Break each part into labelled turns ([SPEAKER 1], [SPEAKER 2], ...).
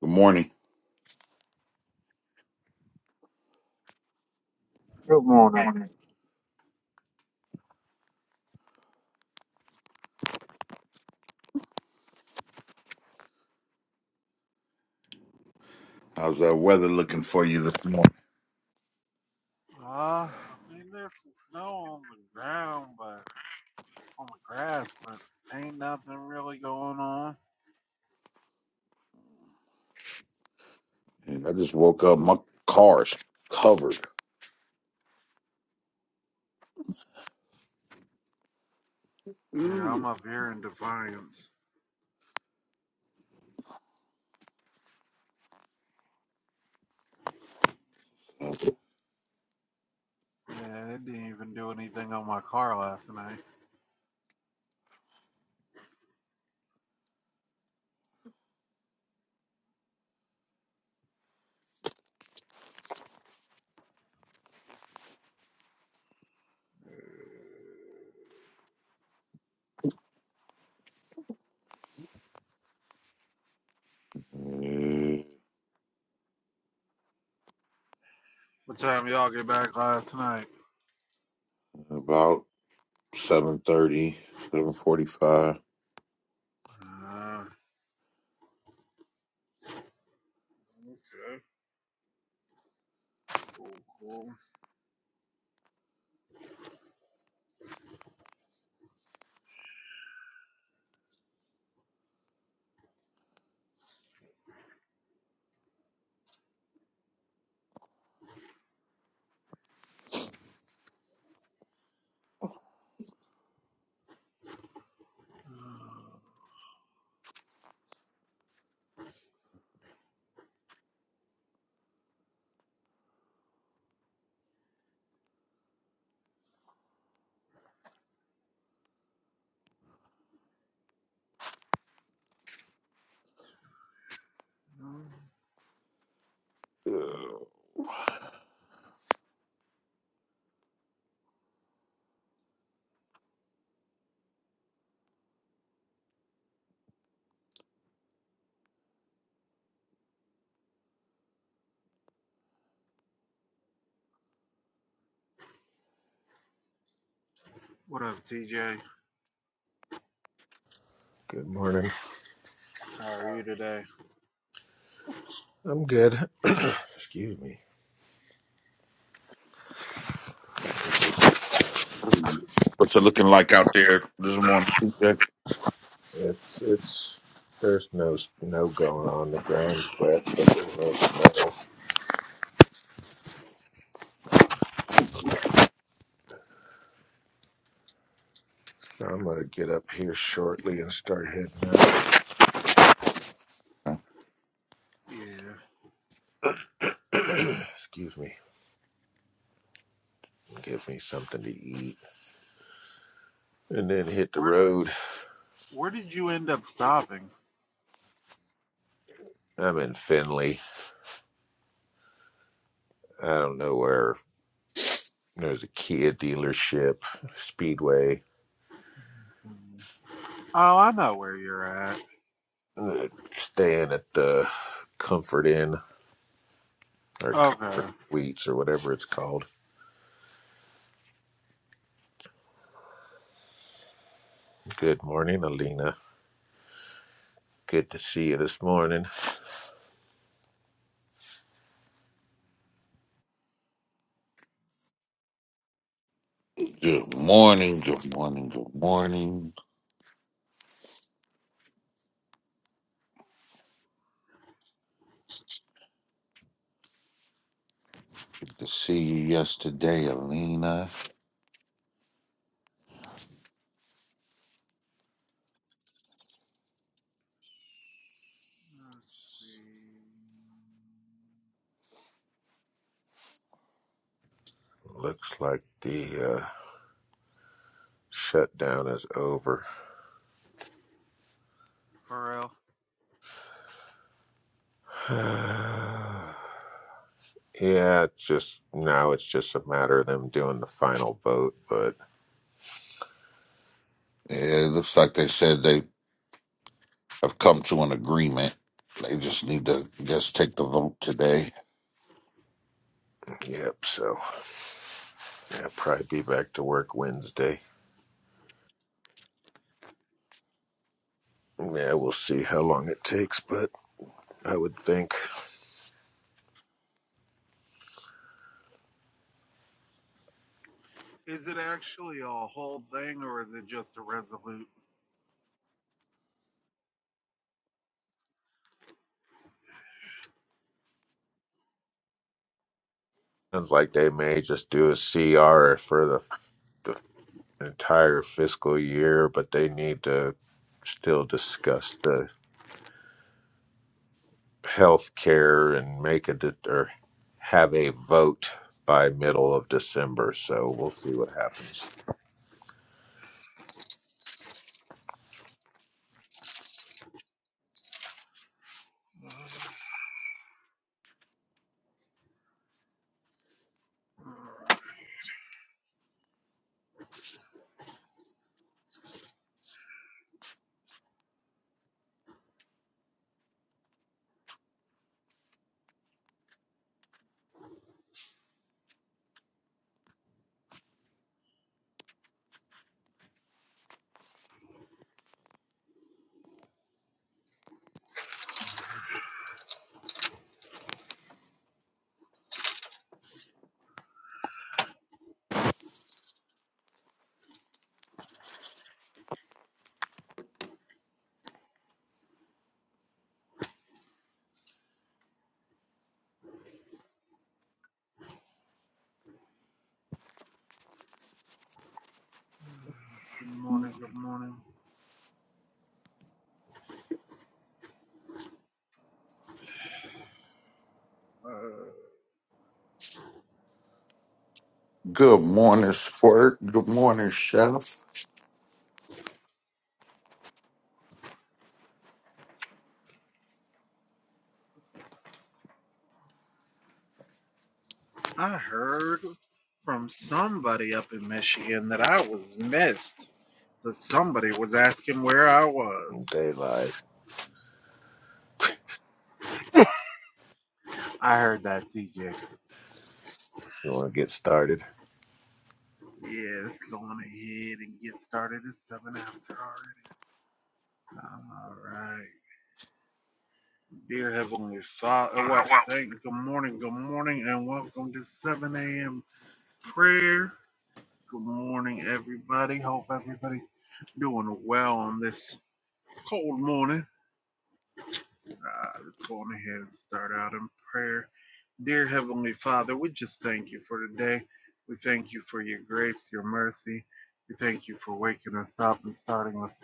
[SPEAKER 1] Good morning.
[SPEAKER 2] Good morning.
[SPEAKER 1] How's that weather looking for you this morning?
[SPEAKER 2] Uh, I mean, there's some snow on the ground, but on the grass, but ain't nothing really going on.
[SPEAKER 1] Yeah, I just woke up. My car's covered.
[SPEAKER 2] Yeah, I'm
[SPEAKER 1] Ooh.
[SPEAKER 2] up here in Defiance. Yeah, it didn't even do anything on my car last night.
[SPEAKER 1] Yeah,
[SPEAKER 2] What time y'all get back last night?
[SPEAKER 1] about seven thirty, seven forty-five.
[SPEAKER 2] Uh, okay, cool, cool. Mm, What up, TJ?
[SPEAKER 3] Good morning.
[SPEAKER 2] How are you today?
[SPEAKER 3] I'm good. Excuse me.
[SPEAKER 1] What's it looking like out there this morning? Good
[SPEAKER 3] It's it's there's no snow going on the ground yet, but there's no snow. I'm gonna get up here shortly and start heading
[SPEAKER 2] Yeah.
[SPEAKER 3] out. Excuse me. Give me something to eat and then hit the
[SPEAKER 2] Where
[SPEAKER 3] road.
[SPEAKER 2] Where did you end up stopping?
[SPEAKER 3] I'm in Findlay. I don't know where there's a Kia dealership, Speedway,
[SPEAKER 2] Mm. Oh, I know where you're at.
[SPEAKER 3] uh, staying at the Comfort Inn or
[SPEAKER 2] Okay.
[SPEAKER 3] Comfort Suites or whatever it's called. Good morning, Alina. Good to see you this morning.
[SPEAKER 1] Good morning, good morning, good morning. Good to see you yesterday, Alina.
[SPEAKER 2] Let's see.
[SPEAKER 3] Looks like the uh, shutdown is over.
[SPEAKER 2] Pharrell.
[SPEAKER 3] yeah, it's just now it's just a matter of them doing the final vote. But
[SPEAKER 1] Yeah, it looks like they said they have come to an agreement. They just need to just take the vote today.
[SPEAKER 3] yep, so yeah, probably be back to work Wednesday. Yeah, we'll see how long it takes, but I would think
[SPEAKER 2] Is it actually a whole thing or is it just a resolute?
[SPEAKER 3] sounds like they may just do a CR for the the entire fiscal year, but they need to still discuss the health care and make a de- or have a vote by middle of December. So we'll see what happens.
[SPEAKER 2] Good morning, good morning. Uh,
[SPEAKER 1] Good morning, Squirt. Good morning, Chef.
[SPEAKER 2] I heard from somebody up in Michigan that I was missed. That somebody was asking where I was.
[SPEAKER 3] Daylight.
[SPEAKER 2] I heard that, TJ.
[SPEAKER 3] You want to get started?
[SPEAKER 2] Yeah, let's go on ahead and get started. It's 7 after already. All right. Dear Heavenly Father, well, thank good morning, good morning, and welcome to 7 a.m. prayer. Good morning, everybody. Hope everybody's doing well on this cold morning. Uh, let's go on ahead and start out in prayer. Dear Heavenly Father, we just thank you for today. We thank you for your grace, your mercy. We thank you for waking us up and starting us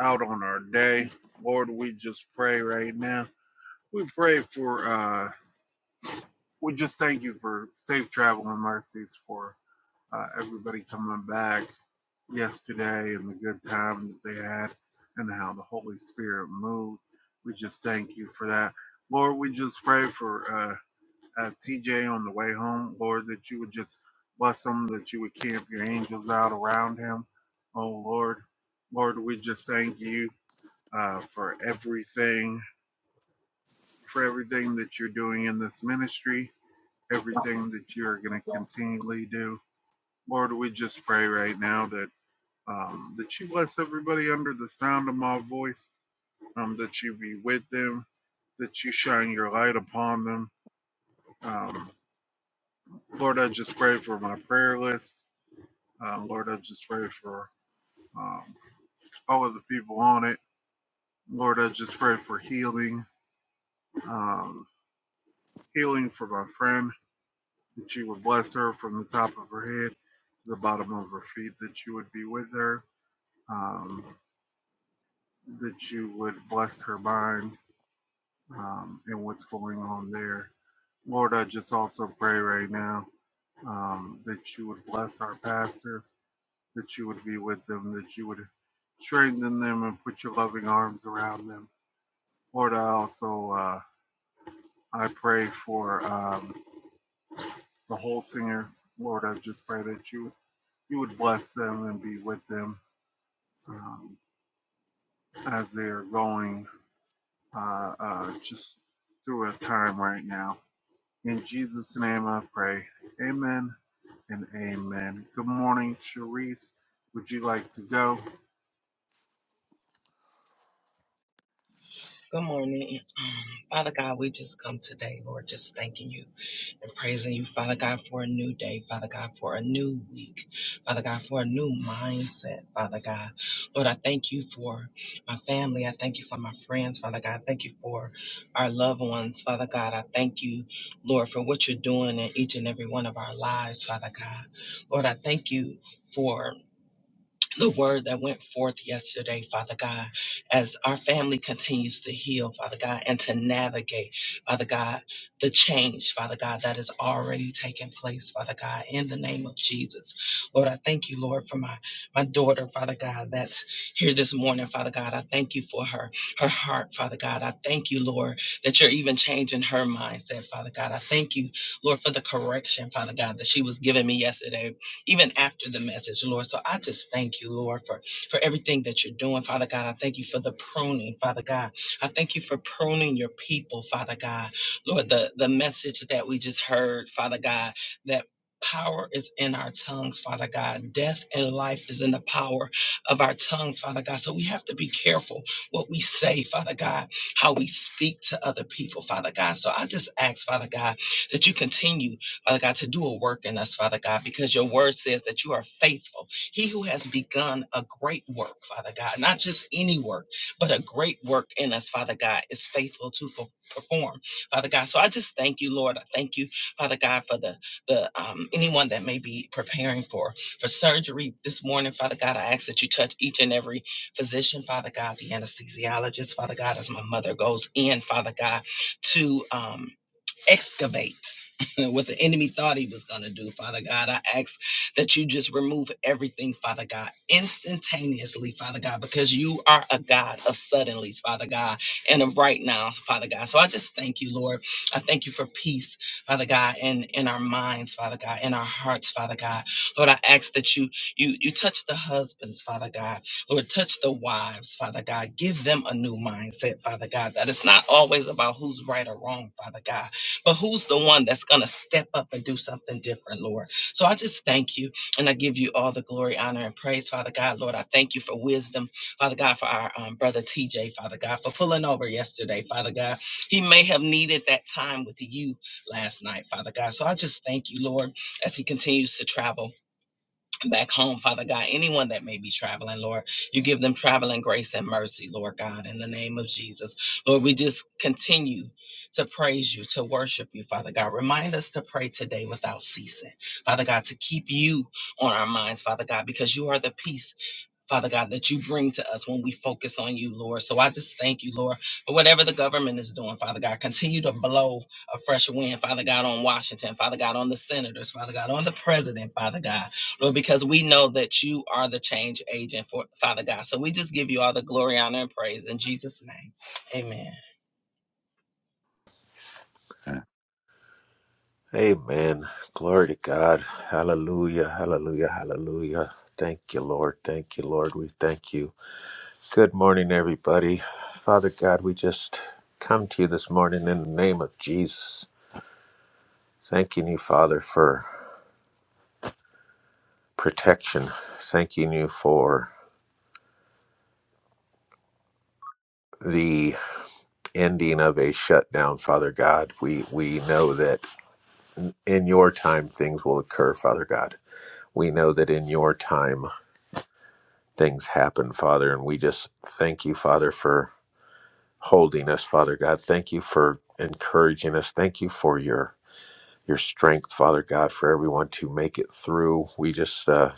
[SPEAKER 2] out on our day. Lord, we just pray right now. We pray for uh we just thank you for safe travel and mercies for uh, everybody coming back yesterday and the good time that they had and how the Holy Spirit moved. We just thank you for that. Lord, we just pray for uh, uh, TJ on the way home, Lord, that you would just bless him, that you would camp your angels out around him. Oh, Lord. Lord, we just thank you uh, for everything, for everything that you're doing in this ministry everything that you're going to continually do. Lord, we just pray right now that um, that you bless everybody under the sound of my voice, um, that you be with them, that you shine your light upon them. Um, Lord, I just pray for my prayer list. Uh, Lord, I just pray for um, all of the people on it. Lord, I just pray for healing, um, healing for my friend, that you would bless her from the top of her head to the bottom of her feet, that you would be with her um, that you would bless her mind um, and what's going on there. Lord, I just also pray right now um, that you would bless our pastors, that you would be with them, that you would strengthen them and put your loving arms around them. Lord, I also uh, I pray for um, the whole singers. Lord, I just pray that you you would bless them and be with them um, as they are going. uh, uh, just through a time right now. In Jesus' name I pray. Amen and amen. Good morning, Sharice. Would you like to go?
[SPEAKER 4] Good morning. Father God, we just come today, Lord, just thanking you and praising you, Father God, for a new day, Father God, for a new week, Father God, for a new mindset, Father God. Lord, I thank you for my family. I thank you for my friends, Father God. I thank you for our loved ones, Father God. I thank you, Lord, for what you're doing in each and every one of our lives, Father God. Lord, I thank you for the word that went forth yesterday, Father God, as our family continues to heal, Father God, and to navigate, Father God, the change, Father God, that is already taking place, Father God, in the name of Jesus. Lord, I thank you, Lord, for my, my daughter, Father God, that's here this morning, Father God. I thank you for her, her heart, Father God. I thank you, Lord, that you're even changing her mindset, Father God. I thank you, Lord, for the correction, Father God, that she was giving me yesterday even after the message, Lord. So I just thank you, Lord, for, for everything that you're doing, Father God. I thank you for the pruning, Father God. I thank you for pruning your people, Father God. Lord, the, the message that we just heard, Father God, that Power is in our tongues, Father God. Death and life is in the power of our tongues, Father God. So we have to be careful what we say, Father God, how we speak to other people, Father God. So I just ask, Father God, that you continue Father God, to do a work in us, Father God, because your word says that you are faithful. He who has begun a great work, Father God, not just any work, but a great work in us, Father God, is faithful to per- perform, Father God. So I just thank you, Lord. I thank you, Father God, for the the um, anyone that may be preparing for for surgery this morning, Father God. I ask that you touch each and every physician, Father God, the anesthesiologist, Father God, as my mother goes in, Father God, to um, excavate what the enemy thought he was going to do, Father God. I ask that you just remove everything, Father God, instantaneously, Father God, because you are a God of suddenlies, Father God, and of right now, Father God. So I just thank you, Lord. I thank you for peace, Father God, in, in our minds, Father God, in our hearts, Father God. Lord, I ask that you you you touch the husbands, Father God. Lord, touch the wives, Father God. Give them a new mindset, Father God, that it's not always about who's right or wrong, Father God but who's the one that's going to step up and do something different, Lord? So I just thank you and I give you all the glory, honor, and praise, Father God. Lord, I thank you for wisdom, Father God, for our um, brother TJ, Father God, for pulling over yesterday, Father God. He may have needed that time with you last night, Father God. So I just thank you, Lord, as he continues to travel back home, Father God. Anyone that may be traveling, Lord, you give them traveling grace and mercy, Lord God, in the name of Jesus. Lord, we just continue to praise you, to worship you, Father God. Remind us to pray today without ceasing, Father God, to keep you on our minds, Father God, because you are the peace Father God, that you bring to us when we focus on you, Lord. So I just thank you, Lord, for whatever the government is doing, Father God. Continue to blow a fresh wind, Father God, on Washington, Father God, on the senators, Father God, on the president, Father God, Lord, because we know that you are the change agent, for Father God. So we just give you all the glory, honor, and praise in Jesus' name. Amen.
[SPEAKER 1] And
[SPEAKER 3] Amen. Glory to God. Hallelujah. Hallelujah. Hallelujah. Thank you, Lord. Thank you, Lord. We thank you. Good morning, everybody. Father God, we just come to you this morning in the name of Jesus. Thanking you, Father, for protection. Thanking you for the ending of a shutdown, Father God. We we know that in your time things will occur, Father God. We know that in your time things happen, Father, and we just thank you, Father, for holding us, Father God. Thank you for encouraging us. Thank you for your your strength, Father God, for everyone to make it through. We just uh,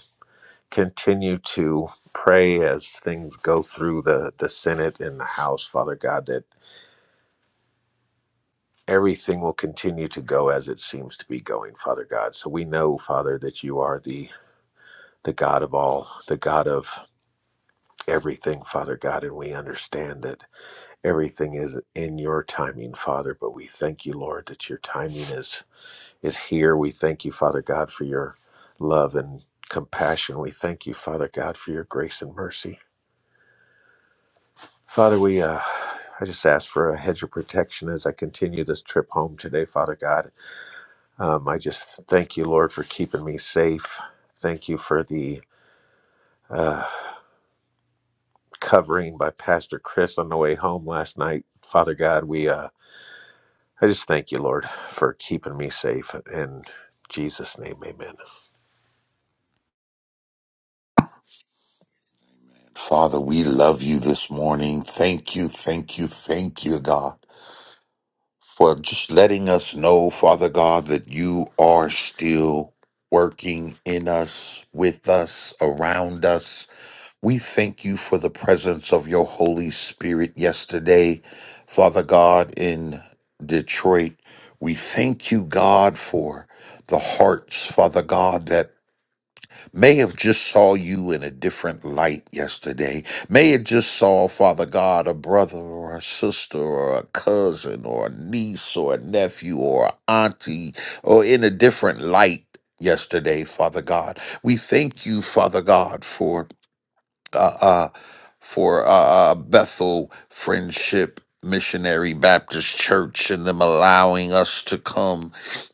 [SPEAKER 3] continue to pray as things go through the the Senate and the House, Father God, that everything will continue to go as it seems to be going, Father God. So we know, Father, that you are the the God of all, the God of everything, Father God, and we understand that everything is in your timing, Father, but we thank you, Lord, that your timing is is here. We thank you, Father God, for your love and compassion. We thank you, Father God, for your grace and mercy. Father, we uh I just ask for a hedge of protection as I continue this trip home today, Father God Um, I just thank you, Lord, for keeping me safe. Thank you for the uh, covering by Pastor Chris on the way home last night. Father God, we uh, I just thank you, Lord, for keeping me safe. In Jesus' name, amen.
[SPEAKER 1] Father, we love you this morning. Thank you, thank you, thank you, God, for just letting us know, Father God, that you are still working in us, with us, around us. We thank you for the presence of your Holy Spirit yesterday, Father God, in Detroit. We thank you, God, for the hearts, Father God, that may have just saw you in a different light yesterday may have just saw father god a brother or a sister or a cousin or a niece or a nephew or a auntie or in a different light yesterday father god we thank you father god for uh, uh, for uh, uh, Bethel Friendship Missionary Baptist Church and them allowing us to come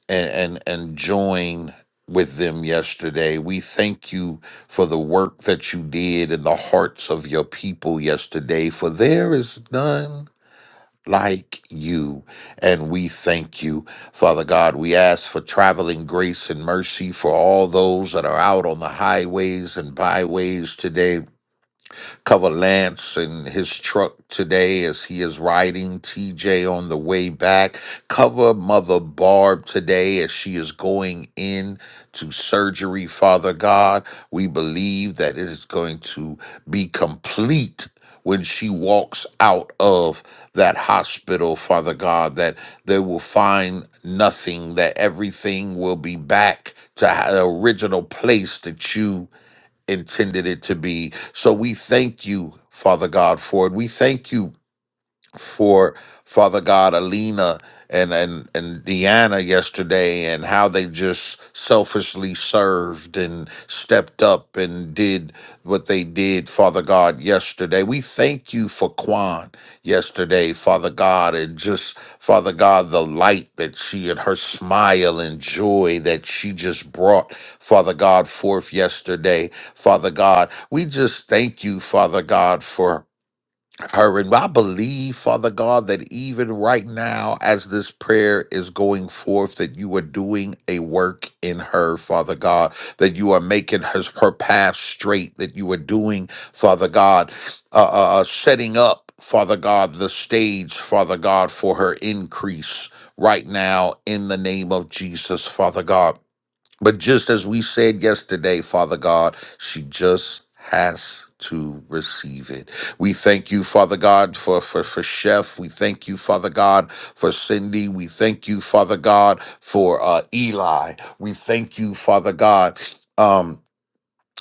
[SPEAKER 1] and, and, and join with them yesterday. We thank you for the work that you did in the hearts of your people yesterday, for there is none. Like you, and we thank you, Father God. We ask for traveling grace and mercy for all those that are out on the highways and byways today Cover Lance and his truck today as he is riding TJ on the way back. Cover Mother Barb today as she is going in to surgery, Father God. We believe that it is going to be complete when she walks out of that hospital, Father God, that they will find nothing, that everything will be back to the original place that you intended it to be. So we thank you, Father God, for it. We thank you for Father God, Alina and and and Deanna yesterday, and how they just selfishly served and stepped up and did what they did, Father God, yesterday. We thank you for Kwan yesterday, Father God, and just Father God, the light that she and her smile and joy that she just brought, Father God, forth yesterday, Father God. We just thank you, Father God, for her. And I believe, Father God, that even right now, as this prayer is going forth, that you are doing a work in her, Father God, that you are making her, her path straight, that you are doing, Father God, uh, uh, uh, setting up, Father God, the stage, Father God, for her increase right now in the name of Jesus, Father God. But just as we said yesterday, Father God, she just has to receive it. We thank you, Father God, for, for, for Chef. We thank you, Father God, for Cindy. We thank you, Father God, for uh, Eli. We thank you, Father God. Um,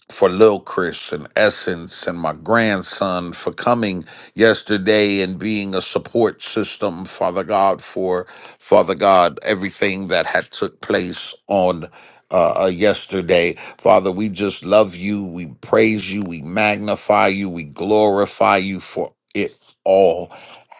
[SPEAKER 1] for Lil Chris and Essence and my grandson for coming yesterday and being a support system, Father God, for Father God, everything that had took place on uh, uh, yesterday. Father, we just love you. We praise you. We magnify you. We glorify you for it all.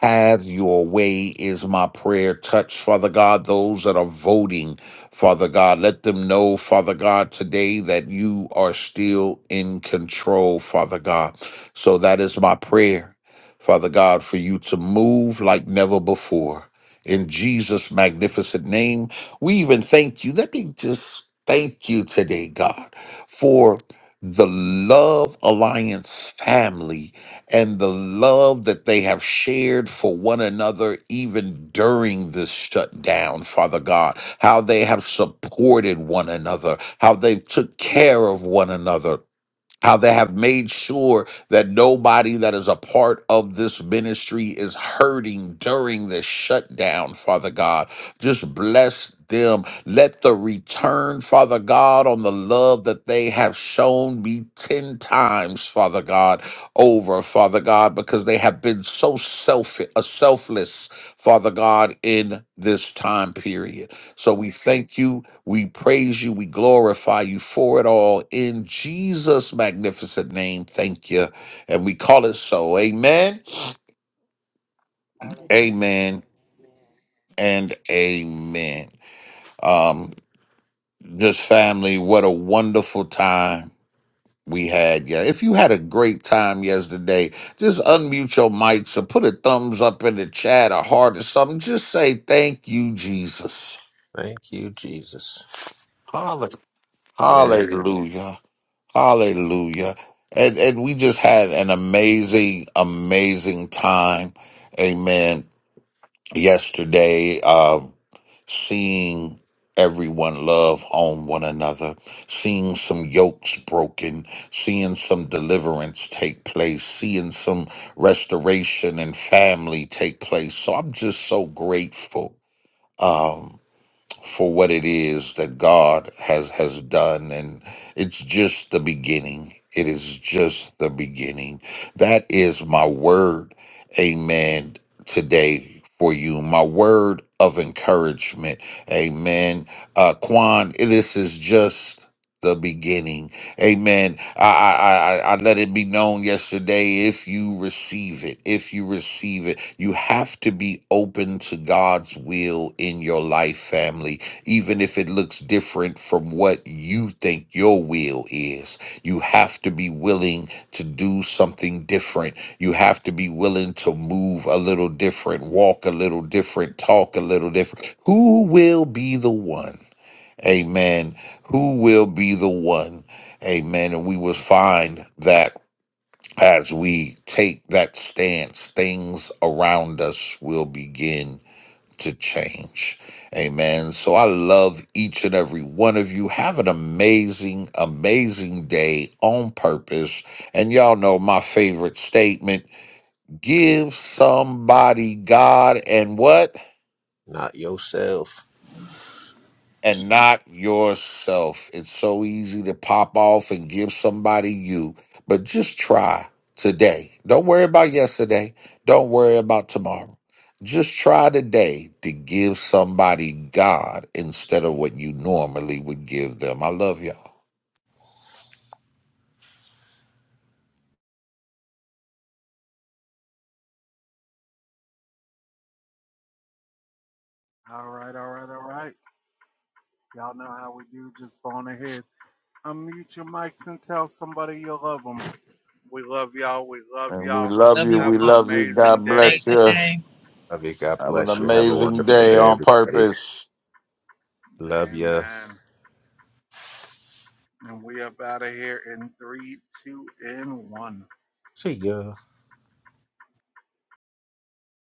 [SPEAKER 1] Have your way is my prayer. Touch, Father God, those that are voting Father God, let them know, Father God, today that you are still in control, Father God. So that is my prayer, Father God, for you to move like never before. In Jesus' magnificent name, we even thank you. Let me just thank you today, God, for the Love Alliance family and the love that they have shared for one another, even during this shutdown, Father God, how they have supported one another, how they took care of one another, how they have made sure that nobody that is a part of this ministry is hurting during this shutdown, Father God. Just bless them. Let the return, Father God, on the love that they have shown be 10 times, Father God, over, Father God, because they have been so self- uh, selfless, Father God, in this time period. So we thank you. We praise you. We glorify you for it all. In Jesus' magnificent name, thank you. And we call it so. Amen, amen, and amen. Um, this family, what a wonderful time we had. Yeah. If you had a great time yesterday, just unmute your mics or put a thumbs up in the chat, a heart or something. Just say thank you, Jesus.
[SPEAKER 3] Thank you, Jesus. Yes,
[SPEAKER 1] Hallelujah. Hallelujah. And and we just had an amazing, amazing time. Amen. Yesterday, um, seeing everyone love on one another, seeing some yokes broken, seeing some deliverance take place, seeing some restoration and family take place. So I'm just so grateful. Um, for what it is that God has has done and it's just the beginning. It is just the beginning. That is my word. Amen. Today for you, my word of encouragement. Amen. Uh Quan, this is just the beginning. Amen. I, I, I, I let it be known yesterday if you receive it, if you receive it, you have to be open to God's will in your life, family, even if it looks different from what you think your will is. You have to be willing to do something different. You have to be willing to move a little different, walk a little different, talk a little different. Who will be the one? Amen. Who will be the one? Amen. And we will find that as we take that stance, things around us will begin to change. Amen. So I love each and every one of you. Have an amazing, amazing day on purpose. And y'all know my favorite statement give somebody God and what?
[SPEAKER 3] not yourself.
[SPEAKER 1] and not yourself. It's so easy to pop off and give somebody you, but just try today. Don't worry about yesterday. Don't worry about tomorrow. Just try today to give somebody God instead of what you normally would give them. I love y'all.
[SPEAKER 2] All right, all right, all right. Y'all know how we do. Just go on ahead. Unmute your mics and tell somebody you love them. We love y'all. We love
[SPEAKER 1] And we
[SPEAKER 2] y'all.
[SPEAKER 1] love
[SPEAKER 4] Love
[SPEAKER 1] you.
[SPEAKER 4] you
[SPEAKER 2] Have
[SPEAKER 1] We
[SPEAKER 2] an
[SPEAKER 4] all.
[SPEAKER 1] love you.
[SPEAKER 2] amazing
[SPEAKER 1] God
[SPEAKER 2] day.
[SPEAKER 1] bless you.
[SPEAKER 4] Amazing day.
[SPEAKER 3] Love you. God
[SPEAKER 1] Have an
[SPEAKER 3] bless you. Have a
[SPEAKER 1] amazing
[SPEAKER 3] wonderful
[SPEAKER 1] day
[SPEAKER 3] day,
[SPEAKER 1] on
[SPEAKER 3] everybody.
[SPEAKER 1] purpose.
[SPEAKER 3] Love you.
[SPEAKER 2] Amen. And we up out of here in three, two, and one.
[SPEAKER 3] See ya.